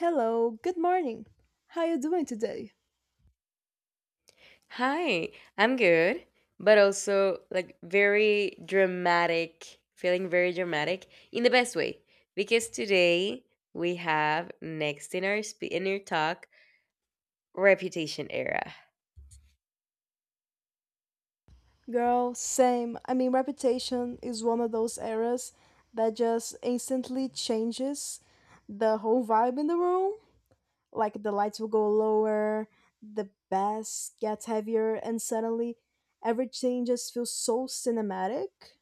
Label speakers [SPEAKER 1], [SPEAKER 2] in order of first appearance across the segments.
[SPEAKER 1] Hello, good morning. How you doing today?
[SPEAKER 2] Hi, I'm good, but also like very dramatic, feeling very dramatic in the best way. Because today we have next in our talk reputation era.
[SPEAKER 1] Girl, same. I mean, reputation is one of those eras that just instantly changes the whole vibe in the room. Like the lights will go lower, the bass gets heavier, and suddenly everything just feels so cinematic.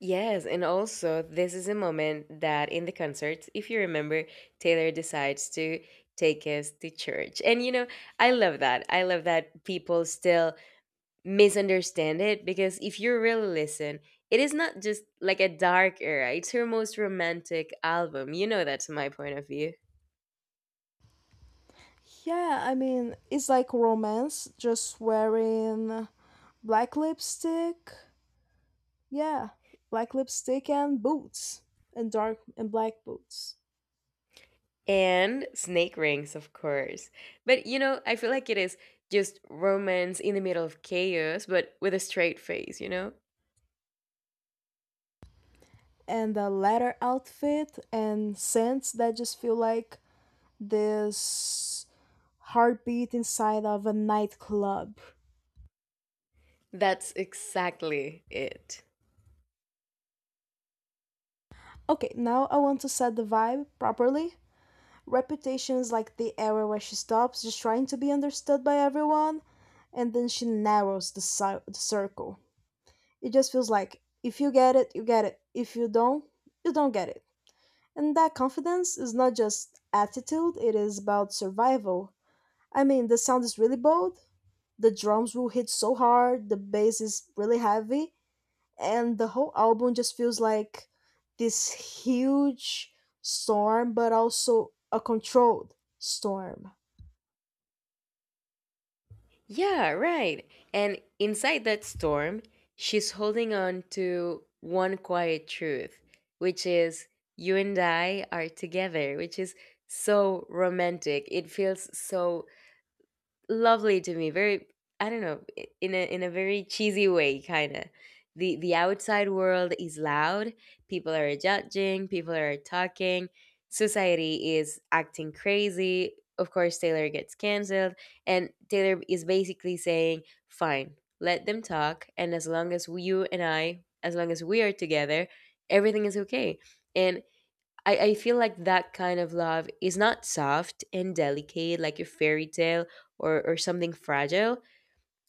[SPEAKER 2] Yes, and also this is a moment that in the concert, if you remember, Taylor decides to take us to church. And you know, I love that. I love that people still misunderstand it because if you really listen, it is not just like a dark era, it's her most romantic album. You know that's my point of view.
[SPEAKER 1] Yeah, I mean, it's like romance just wearing black lipstick. Yeah, black lipstick and boots, and dark and black boots,
[SPEAKER 2] And Snake Rings, of course. But you know, I feel like it is just romance in the middle of chaos, but with a straight face, you know?
[SPEAKER 1] and a leather outfit and scents that just feel like this heartbeat inside of a nightclub.
[SPEAKER 2] That's exactly it.
[SPEAKER 1] Okay, now I want to set the vibe properly. Reputation is like the area where she stops just trying to be understood by everyone, and then she narrows the circle. It just feels like if you get it, you get it. If you don't, you don't get it. And that confidence is not just attitude, it is about survival. I mean, the sound is really bold, the drums will hit so hard, the bass is really heavy, and the whole album just feels like this huge storm, but also a controlled storm.
[SPEAKER 2] Yeah, right. And inside that storm, she's holding on to one quiet truth, which is you and I are together, which is so romantic. It feels so lovely to me, very I don't know I- in a very cheesy way. Kind of the outside world is loud, people are judging, people are talking, society is acting crazy. Of course Taylor gets canceled, and Taylor is basically saying fine, let them talk, and as long as you and I, as long as we are together, everything is okay. And I feel like that kind of love is not soft and delicate like a fairy tale or something fragile.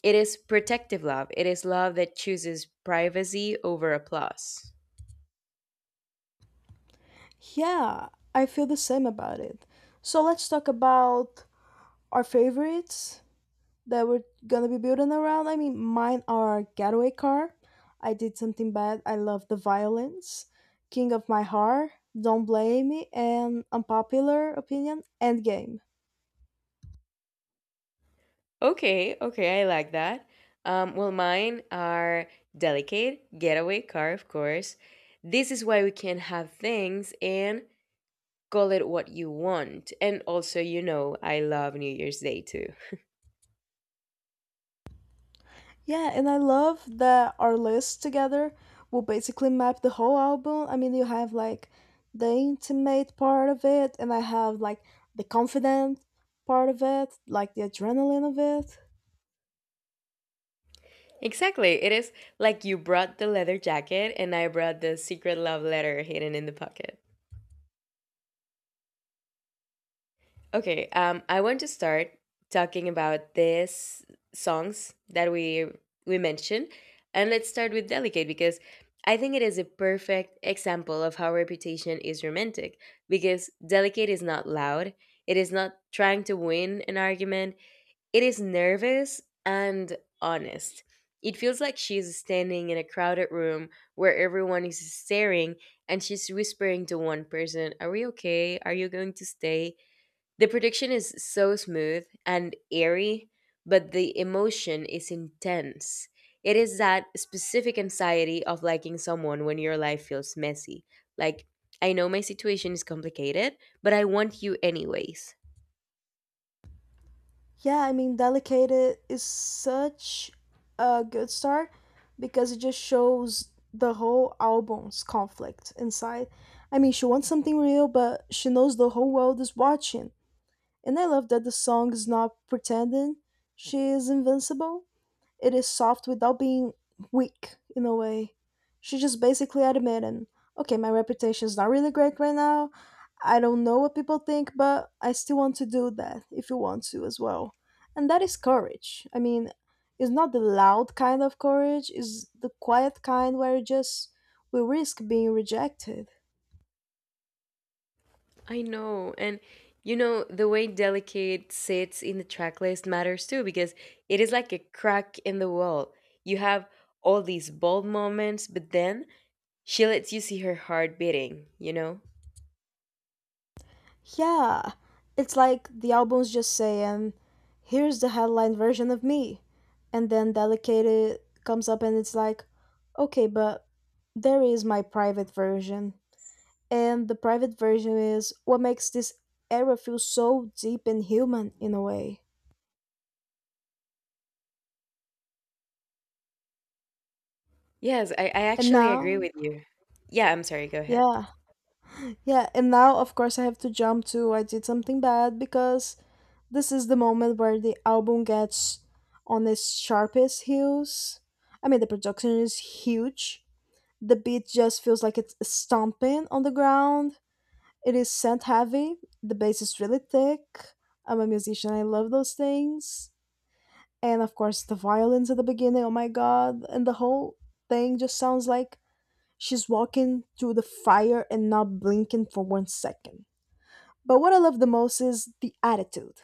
[SPEAKER 2] It is protective love. It is love that chooses privacy over applause.
[SPEAKER 1] Yeah, I feel the same about it. So let's talk about our favorites that we're gonna be building around. I mean, mine are getaway car. I did something bad. I love the violence. King of my heart. Don't blame me. And unpopular opinion. Endgame.
[SPEAKER 2] Okay, okay, I like that. Well, mine are delicate, getaway car, of course. This is why we can have things, and call it what you want. And also, you know, I love New Year's Day too.
[SPEAKER 1] Yeah, and I love that our list together will basically map the whole album. I mean, you have like the intimate part of it, and I have like the confident part of it, like the adrenaline of it.
[SPEAKER 2] Exactly. It is like you brought the leather jacket and I brought the secret love letter hidden in the pocket. Okay, I want to start talking about these songs that we mentioned, and let's start with Delicate because I think it is a perfect example of how reputation is romantic, because Delicate is not loud. It is not trying to win an argument. It is nervous and honest. It feels like she's standing in a crowded room where everyone is staring and she's whispering to one person, are we okay? Are you going to stay? The production is so smooth and airy, but the emotion is intense. It is that specific anxiety of liking someone when your life feels messy. Like, I know my situation is complicated, but I want you anyways.
[SPEAKER 1] Yeah, I mean, Delicate is such a good start because it just shows the whole album's conflict inside. I mean, she wants something real, but she knows the whole world is watching. And I love that the song is not pretending she is invincible. It is soft without being weak in a way. She just basically admitted, okay, my reputation is not really great right now. I don't know what people think, but I still want to do that if you want to as well. And that is courage. I mean, it's not the loud kind of courage, it's the quiet kind where you just we risk being rejected.
[SPEAKER 2] I know. And you know, the way Delicate sits in the track list matters too, because it is like a crack in the wall. You have all these bold moments, but then she lets you see her heart beating, you know?
[SPEAKER 1] Yeah, it's like the album's just saying, here's the headline version of me. And then Delicate comes up and it's like, okay, but there is my private version. And the private version is what makes this era feel so deep and human in a way.
[SPEAKER 2] Yes, I
[SPEAKER 1] And
[SPEAKER 2] actually
[SPEAKER 1] now,
[SPEAKER 2] agree with you. Yeah, I'm sorry, go ahead.
[SPEAKER 1] yeah, yeah, and now of course I have to jump to I did something bad because this is the moment where the album gets on its sharpest heels. I mean, the production is huge. The beat just feels like it's stomping on the ground. It is synth heavy. The bass is really thick. I'm a musician. I love those things. And of course, the violins at the beginning. Oh my god! And the whole thing just sounds like she's walking through the fire and not blinking for one second. But what I love the most is the attitude.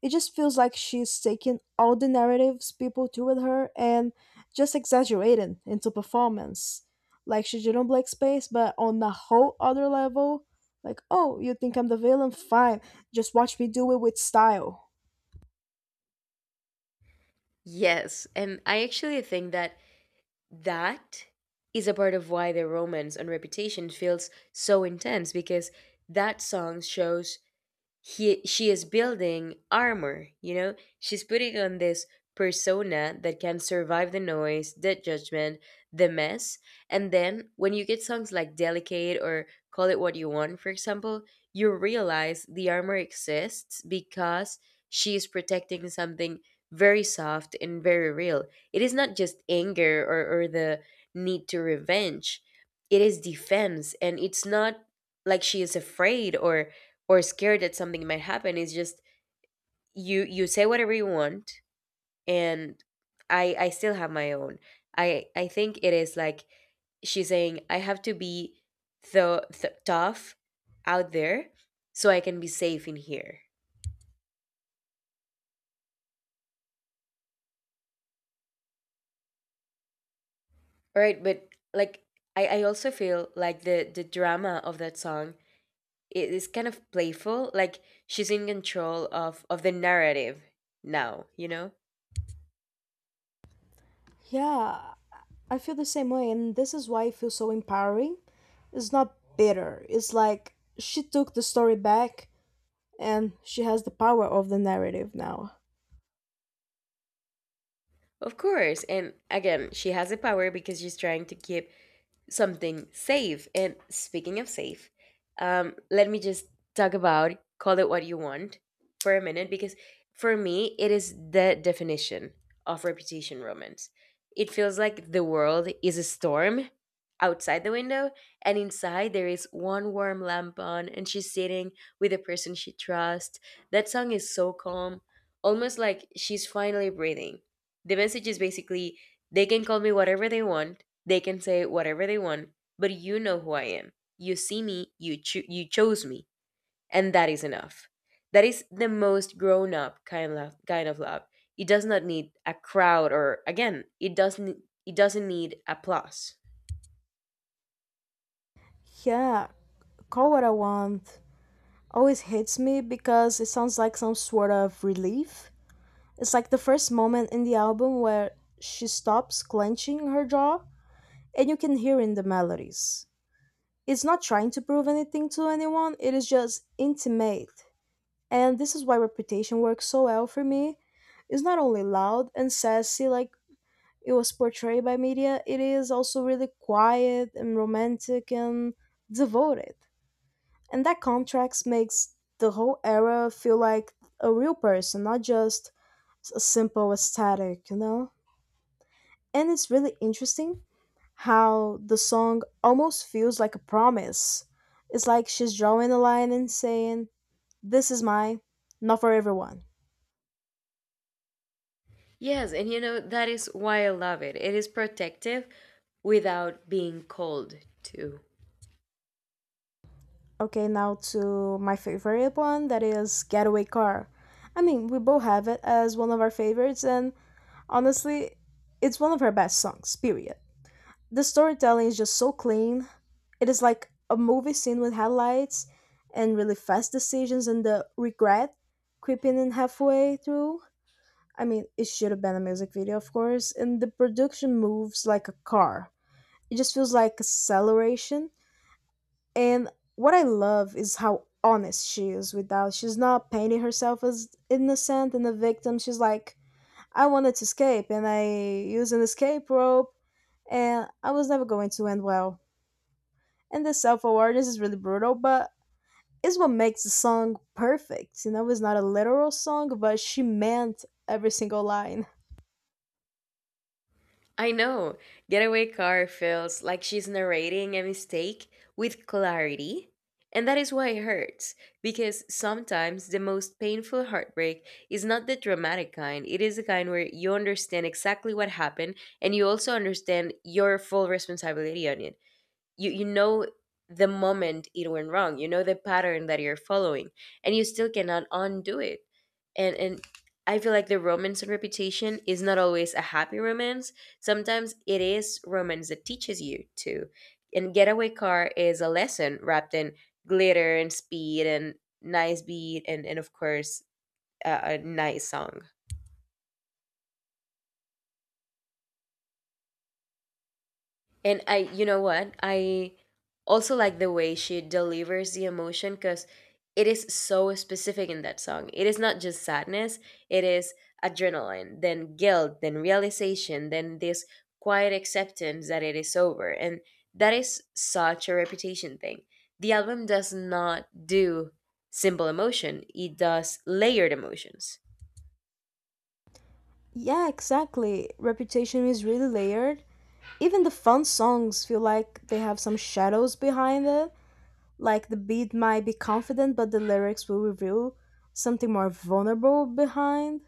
[SPEAKER 1] It just feels like she's taking all the narratives people threw at her and just exaggerating into performance. Like she did on Black Space, but on a whole other level. Like, oh, you think I'm the villain? Fine. Just watch me do it with style.
[SPEAKER 2] Yes, and I actually think that that is a part of why the romance on Reputation feels so intense, because that song shows he she is building armor, you know. She's putting on this persona that can survive the noise, the judgment, the mess. And then when you get songs like delicate, or call it what you want for example, you realize the armor exists because she is protecting something very soft and very real. It is not just anger or the need to revenge. It is defense, and it's not like she is afraid or scared that something might happen. It's just you say whatever you want, and I still have my own. I think it is like she's saying I have to be the tough out there so I can be safe in here. All right, but like I also feel like the drama of that song is kind of playful. Like she's in control of the narrative now, you know?
[SPEAKER 1] Yeah, I feel the same way, and this is why it feels so empowering. It's not bitter, it's like she took the story back and she has the power of the narrative now.
[SPEAKER 2] Of course. And again, she has the power because she's trying to keep something safe. And speaking of safe, let me just talk about call it what you want for a minute, because for me, it is the definition of reputation romance. It feels like the world is a storm outside the window, and inside there is one warm lamp on, and she's sitting with a person she trusts. That song is so calm, almost like she's finally breathing. The message is basically they can call me whatever they want. They can say whatever they want, but you know who I am. You see me, you chose me, and that is enough. That is the most grown up kind of love. It does not need a crowd, or again, it doesn't need applause.
[SPEAKER 1] Yeah, call what I want, always hits me because it sounds like some sort of relief. It's like the first moment in the album where she stops clenching her jaw and you can hear in the melodies. It's not trying to prove anything to anyone, it is just intimate. And this is why Reputation works so well for me. It's not only loud and sassy like it was portrayed by media, it is also really quiet and romantic and devoted. And that contrast makes the whole era feel like a real person, not just a simple aesthetic, you know? And it's really interesting how the song almost feels like a promise. It's like she's drawing a line and saying, this is mine, not for everyone.
[SPEAKER 2] Yes, and you know that is why I love it. It is protective without being cold too.
[SPEAKER 1] Okay, now to my favorite one that is Getaway Car. I mean, we both have it as one of our favorites, and honestly, it's one of her best songs, period. The storytelling is just so clean, it is like a movie scene with headlights and really fast decisions and the regret creeping in halfway through. I mean, it should have been a music video, of course, and the production moves like a car. It just feels like acceleration. And what I love is how honest she is without, she's not painting herself as innocent and a victim. She's like, I wanted to escape and I used an escape rope and I was never going to end well. And the self awareness is really brutal, but is what makes the song perfect. You know, it's not a literal song, but she meant every single line.
[SPEAKER 2] I know. Getaway Car feels like she's narrating a mistake with clarity. And that is why it hurts, because sometimes the most painful heartbreak is not the dramatic kind. It is the kind where you understand exactly what happened, and you also understand your full responsibility on it. You you know the moment it went wrong, you know the pattern that you're following, and you still cannot undo it. And I feel like the romance on reputation is not always a happy romance. Sometimes it is romance that teaches you to, and getaway car is a lesson wrapped in glitter and speed and nice beat, and of course a nice song. And i you know what i also like the way she delivers the emotion, because it is so specific in that song. It is not just sadness, it is adrenaline, then guilt, then realization, then this quiet acceptance that it is over. And that is such a reputation thing. The album does not do simple emotion, it does layered emotions.
[SPEAKER 1] Yeah, exactly. Reputation is really layered. Even the fun songs feel like they have some shadows behind it. Like the beat might be confident, but the lyrics will reveal something more vulnerable behind.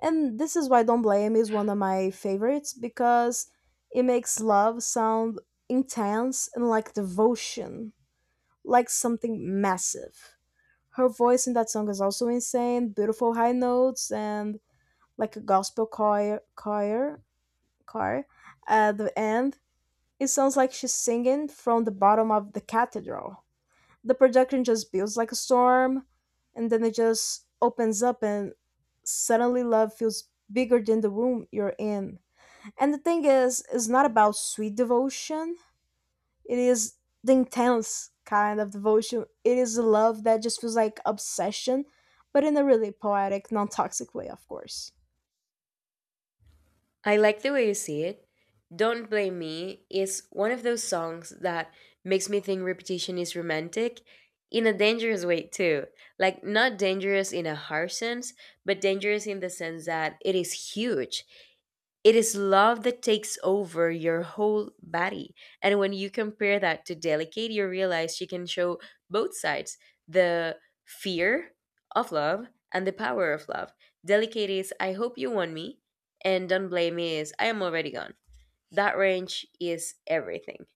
[SPEAKER 1] And this is why Don't Blame is one of my favorites because it makes love sound intense and like devotion, like something massive. Her voice in that song is also insane, beautiful high notes and like a gospel choir at the end. It sounds like she's singing from the bottom of the cathedral. The production just builds like a storm, and then it just opens up and suddenly love feels bigger than the room you're in. And the thing is, it's not about sweet devotion, it is the intense kind of devotion. It is a love that just feels like obsession, but in a really poetic, non toxic way, of course.
[SPEAKER 2] I like the way you see it. Don't Blame Me is one of those songs that makes me think repetition is romantic in a dangerous way, too. Like, not dangerous in a harsh sense, but dangerous in the sense that it is huge. It is love that takes over your whole body. And when you compare that to delicate, you realize she can show both sides, the fear of love and the power of love. Delicate is, I hope you want me. And don't blame me" is, I am already gone. That range is everything.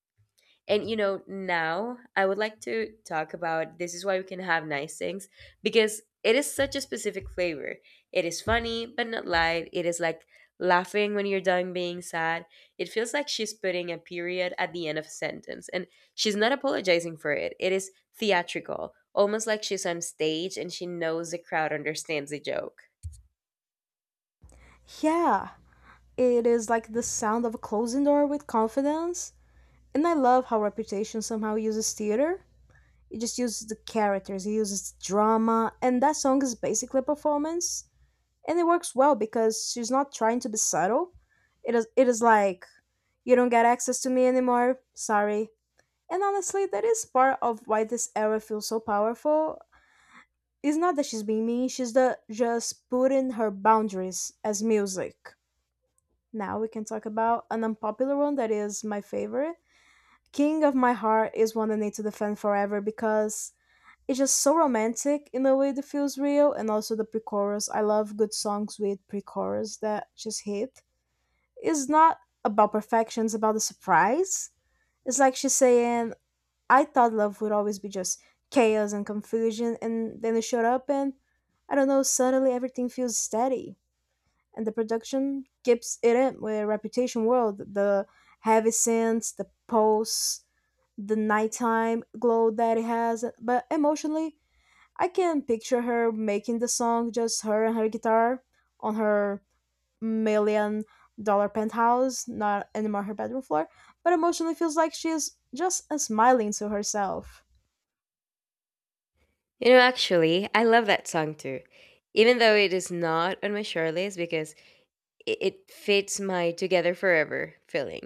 [SPEAKER 2] And you know, now I would like to talk about this is why we can have nice things, because it is such a specific flavor. It is funny but not light. It is like laughing when you're done being sad. It feels like she's putting a period at the end of a sentence, and she's not apologizing for it. It is theatrical, almost like she's on stage and she knows the crowd understands the joke.
[SPEAKER 1] Yeah, it is like the sound of a closing door with confidence. And I love how Reputation somehow uses theater. It just uses the characters, it uses drama, and that song is basically a performance. And it works well because she's not trying to be subtle. It is like, you don't get access to me anymore, sorry. And honestly, that is part of why this era feels so powerful. It's not that she's being mean, she's the, just putting her boundaries as music. Now we can talk about an unpopular one that is my favorite. King of My Heart is one I need to defend forever because it's just so romantic in a way that feels real, and also the pre chorus. I love good songs with pre chorus that just hit. It's not about perfection, it's about the surprise. It's like she's saying, I thought love would always be just chaos and confusion, and then they showed up, and I don't know, suddenly everything feels steady. And the production keeps it in with a Reputation World, the heavy scenes, the pulse, the nighttime glow that it has. But emotionally, I can picture her making the song just her and her guitar on her million dollar penthouse, not anymore her bedroom floor. But emotionally, feels like she's just smiling to herself.
[SPEAKER 2] You know, actually, I love that song too. Even though it is not on my short list, because it fits my together forever feeling.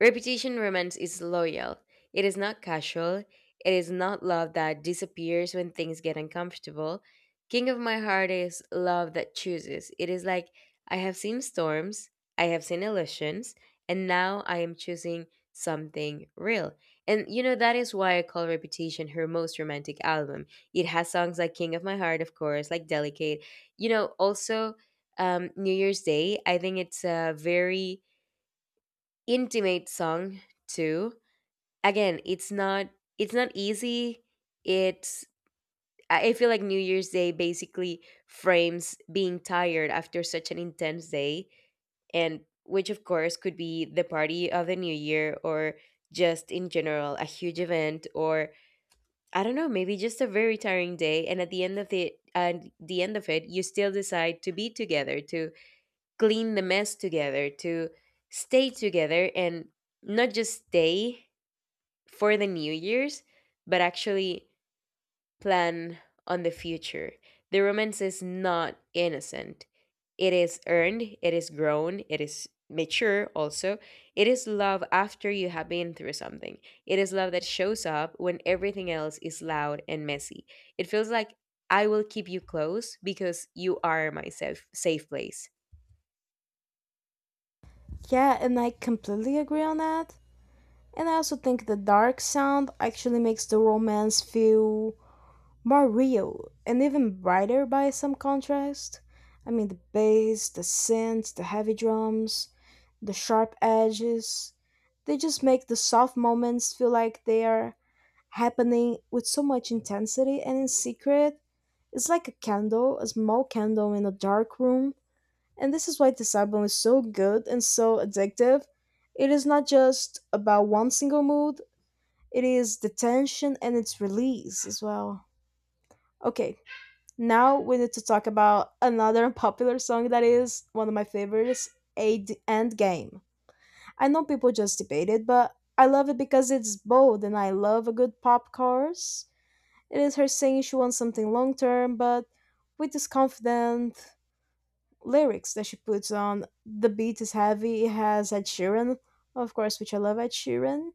[SPEAKER 2] Reputation romance is loyal. It is not casual. It is not love that disappears when things get uncomfortable. King of my heart is love that chooses. It is like I have seen storms, I have seen illusions, and now I am choosing something real. And you know that is why I call Reputation her most romantic album. It has songs like King of My Heart, of course, like Delicate. You know, also New Year's Day, I think it's a very intimate song too. Again, it's not easy. It's I feel like New Year's Day basically frames being tired after such an intense day, and which of course could be the party of the new year, or just in general a huge event, or I don't know, maybe just a very tiring day, and at the end of it you still decide to be together, to clean the mess together, to stay together, and not just stay for the New Year's, but actually plan on the future. The romance is not innocent. It is earned, it is grown, it is mature also. It is love after you have been through something. It is love that shows up when everything else is loud and messy. It feels like I will keep you close because you are my safe place.
[SPEAKER 1] Yeah, and I completely agree on that. And I also think the dark sound actually makes the romance feel more real and even brighter by some contrast. I mean, the bass, the synths, the heavy drums, the sharp edges, they just make the soft moments feel like they are happening with so much intensity and in secret. It's like a candle, a small candle in a dark room, and this is why this album is so good and so addictive. It is not just about one single mood, it is the tension and its release as well. Okay, now we need to talk about another popular song that is one of my favorites, Aid End Game. I know people just debate it, but I love it because it's bold and I love a good pop chorus. It is her saying she wants something long term, but with this confident lyrics that she puts on. The beat is heavy. It has Ed Sheeran, of course, which I love Ed Sheeran.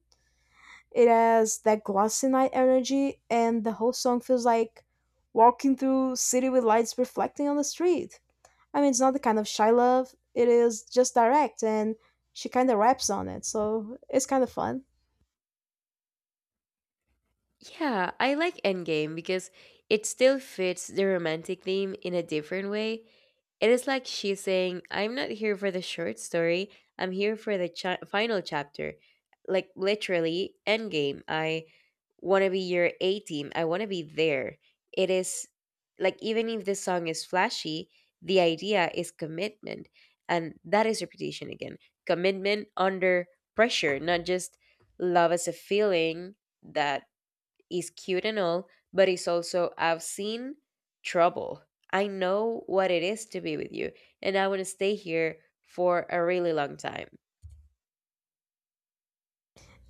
[SPEAKER 1] It has that glossy night energy, and the whole song feels like walking through city with lights reflecting on the street. I mean, it's not the kind of shy love. It is just direct, and she kind of raps on it, so it's kind of fun.
[SPEAKER 2] Yeah, I like Endgame because it still fits the romantic theme in a different way. It is like she's saying, I'm not here for the short story, I'm here for the final chapter. Like literally, endgame. I want to be your A team, I want to be there. It is like, even if the song is flashy, the idea is commitment. And that is repetition again, commitment under pressure, not just love as a feeling that is cute and all, but it's also, I've seen trouble. I know what it is to be with you, and I want to stay here for a really long time.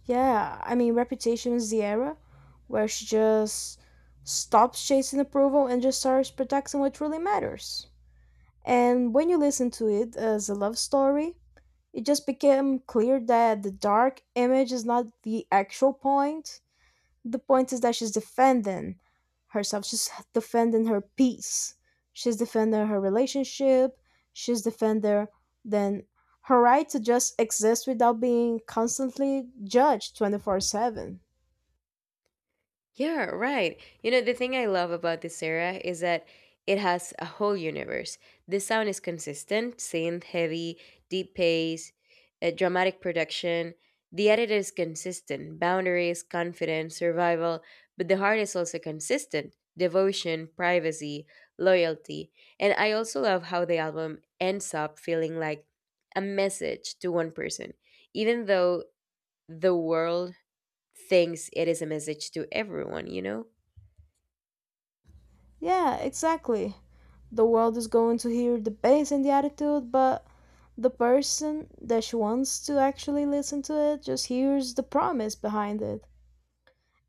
[SPEAKER 1] Yeah, I mean, Reputation is the era where she just stops chasing approval and just starts protecting what really matters. And when you listen to it as a love story, it just became clear that the dark image is not the actual point. The point is that she's defending herself, she's defending her peace, she's defending her relationship, she's defending then her right to just exist without being constantly judged 24/7.
[SPEAKER 2] Yeah, right. You know, the thing I love about this era is that it has a whole universe. The sound is consistent, synth heavy, deep pace, a dramatic production. The edit is consistent, boundaries, confidence, survival, but the heart is also consistent devotion, privacy, loyalty. And I also love how the album ends up feeling like a message to one person, even though the world thinks it is a message to everyone, you know?
[SPEAKER 1] Yeah, exactly. The world is going to hear the bass and the attitude, but the person that she wants to actually listen to it just hears the promise behind it.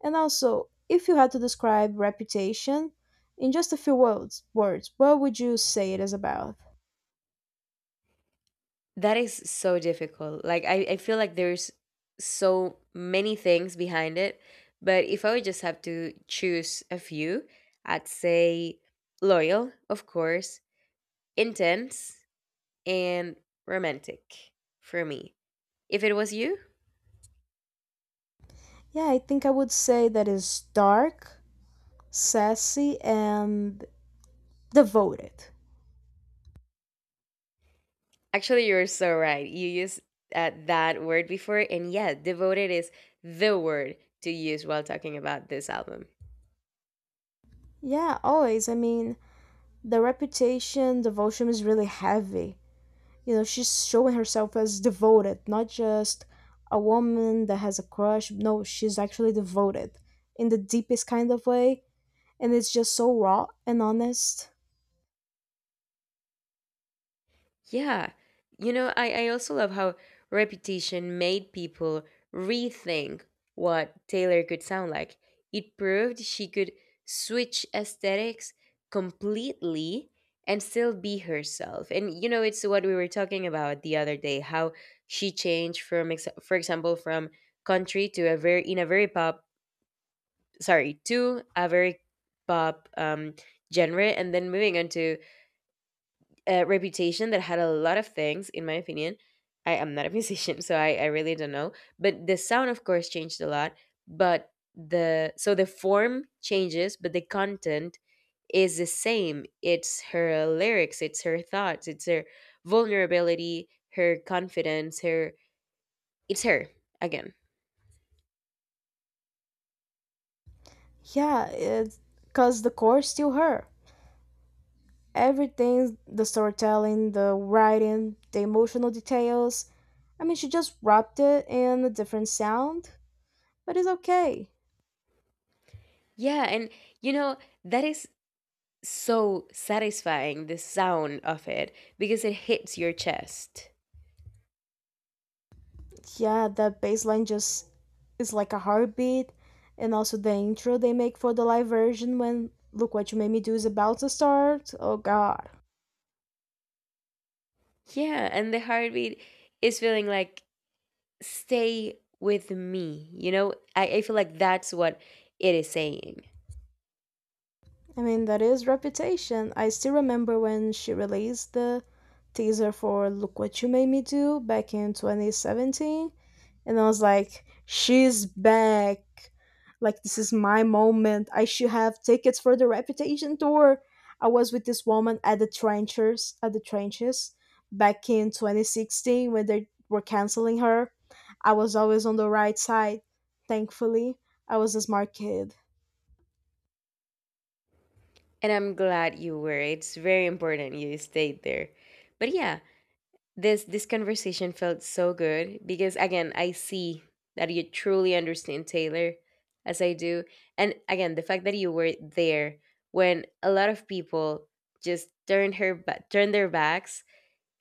[SPEAKER 1] And also, if you had to describe Reputation in just a few words, what would you say it is about?
[SPEAKER 2] That is so difficult. Like I feel like there's so many things behind it. But if I would just have to choose a few, I'd say loyal, of course, intense, and romantic for me. If it was you,
[SPEAKER 1] Yeah, I think I would say that it's dark, sassy, and devoted.
[SPEAKER 2] actually, you're so right. You used that word before, and yeah, devoted is the word to use while talking about this album.
[SPEAKER 1] Yeah, always. I mean, the reputation devotion is really heavy. You know, she's showing herself as devoted, not just a woman that has a crush. No, she's actually devoted in the deepest kind of way, and it's just so raw and honest.
[SPEAKER 2] Yeah. You know, I also love how Reputation made people rethink what Taylor could sound like. It proved she could switch aesthetics completely and still be herself. And, you know, it's what we were talking about the other day how she changed from, for example, from country to a very, in a very pop, sorry, to a very pop genre and then moving on to reputation that had a lot of things, in my opinion. I am not a musician, so I really don't know. But the sound, of course, changed a lot. But the so the form changes, but the content is the same. It's her lyrics, it's her thoughts, it's her vulnerability, her confidence, her it's her again.
[SPEAKER 1] Yeah, because the core is still her. Everything, the storytelling, the writing, the emotional details. I mean, she just wrapped it in a different sound, but it's okay.
[SPEAKER 2] Yeah, and you know that is so satisfying the sound of it because it hits your chest.
[SPEAKER 1] Yeah, that bass line just is like a heartbeat. And also the intro they make for the live version when Look What You Made Me Do is about to start. Oh god.
[SPEAKER 2] Yeah, and the heartbeat is feeling like stay with me. You know, I feel like that's what it is saying.
[SPEAKER 1] I mean, that is reputation. I still remember when she released the teaser for Look What You Made Me Do back in 2017. And I was like, she's back. Like, this is my moment. I should have tickets for the reputation tour. I was with this woman at the trenches back in 2016 when they were canceling her. I was always on the right side, thankfully. I was a smart kid.
[SPEAKER 2] And I'm glad you were. It's very important you stayed there. But yeah, this conversation felt so good because again, I see that you truly understand Taylor as I do. And again, the fact that you were there when a lot of people just turned turned their backs.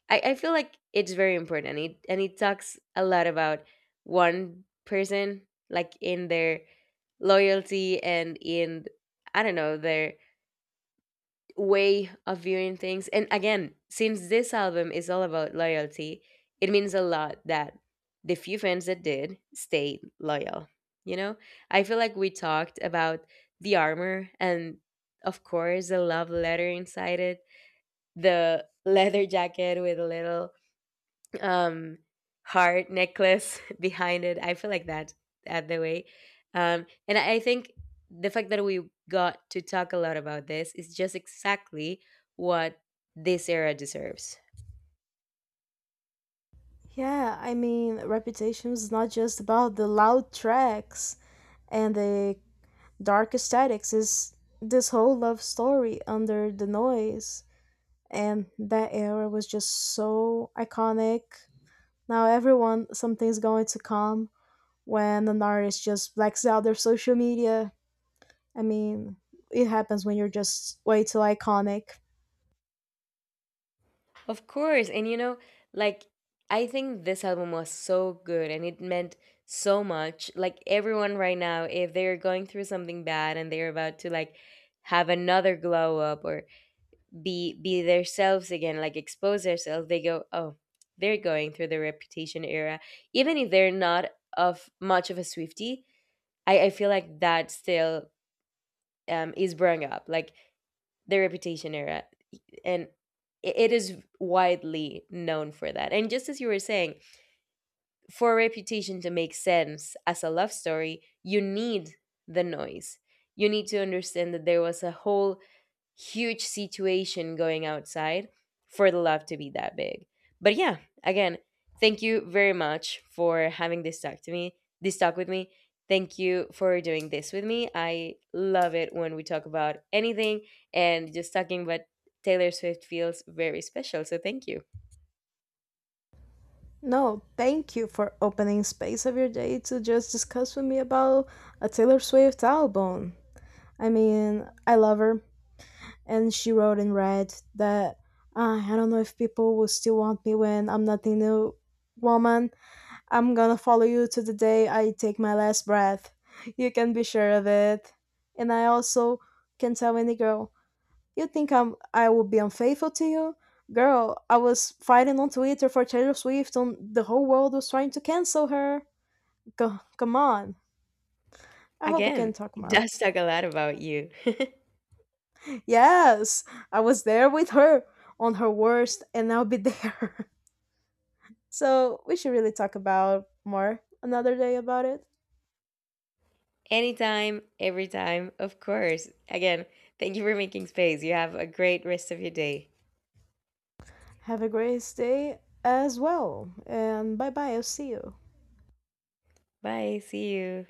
[SPEAKER 2] I feel like it's very important and it talks a lot about one person like in their loyalty and in I don't know their way of viewing things. And again, since this album is all about loyalty, it means a lot that the few fans that did stayed loyal, you know. I feel like we talked about the armor and of course the love letter inside it, the leather jacket with a little um heart necklace behind it. I feel like that at the way. And I think the fact that we got to talk a lot about this is just exactly what this era deserves.
[SPEAKER 1] Yeah, I mean, Reputation is not just about the loud tracks and the dark aesthetics. It's this whole love story under the noise. And that era was just so iconic. Now, everyone, something's going to come when an artist just blacks out their social media. I mean, it happens when you're just way too iconic.
[SPEAKER 2] Of course. And you know, like I think this album was so good and it meant so much. Like everyone right now, if they're going through something bad and they're about to like have another glow up or be themselves again, like expose themselves, they go, oh, they're going through the reputation era, even if they're not of much of a swifty. I feel like that still is growing up, like the reputation era. And it is widely known for that. And just as you were saying, for reputation to make sense as a love story, you need the noise. You need to understand that there was a whole huge situation going outside for the love to be that big. But yeah, again, thank you very much for having this talk to me, this talk with me. Thank you for doing this with me. I love it when we talk about anything, and just talking about Taylor Swift feels very special. So thank you.
[SPEAKER 1] No, thank you for opening space of your day to just discuss with me about a Taylor Swift album. I mean, I love her, and she wrote in red that I don't know if people will still want me when I'm nothing new, woman. I'm gonna follow you to the day I take my last breath. You can be sure of it. And I also can tell any girl, you think I would be unfaithful to you? Girl, I was fighting on Twitter for Taylor Swift and the whole world was trying to cancel her. Go, come on. I hope we
[SPEAKER 2] Again,
[SPEAKER 1] can talk
[SPEAKER 2] it
[SPEAKER 1] more.
[SPEAKER 2] does talk a lot about you.
[SPEAKER 1] Yes, I was there with her on her worst and I'll be there. So we should really talk about more another day about it.
[SPEAKER 2] Anytime, every time, of course. Again, thank you for making space. You have a great rest of your day.
[SPEAKER 1] Have a great day as well and bye bye, I'll see you.
[SPEAKER 2] Bye. See you.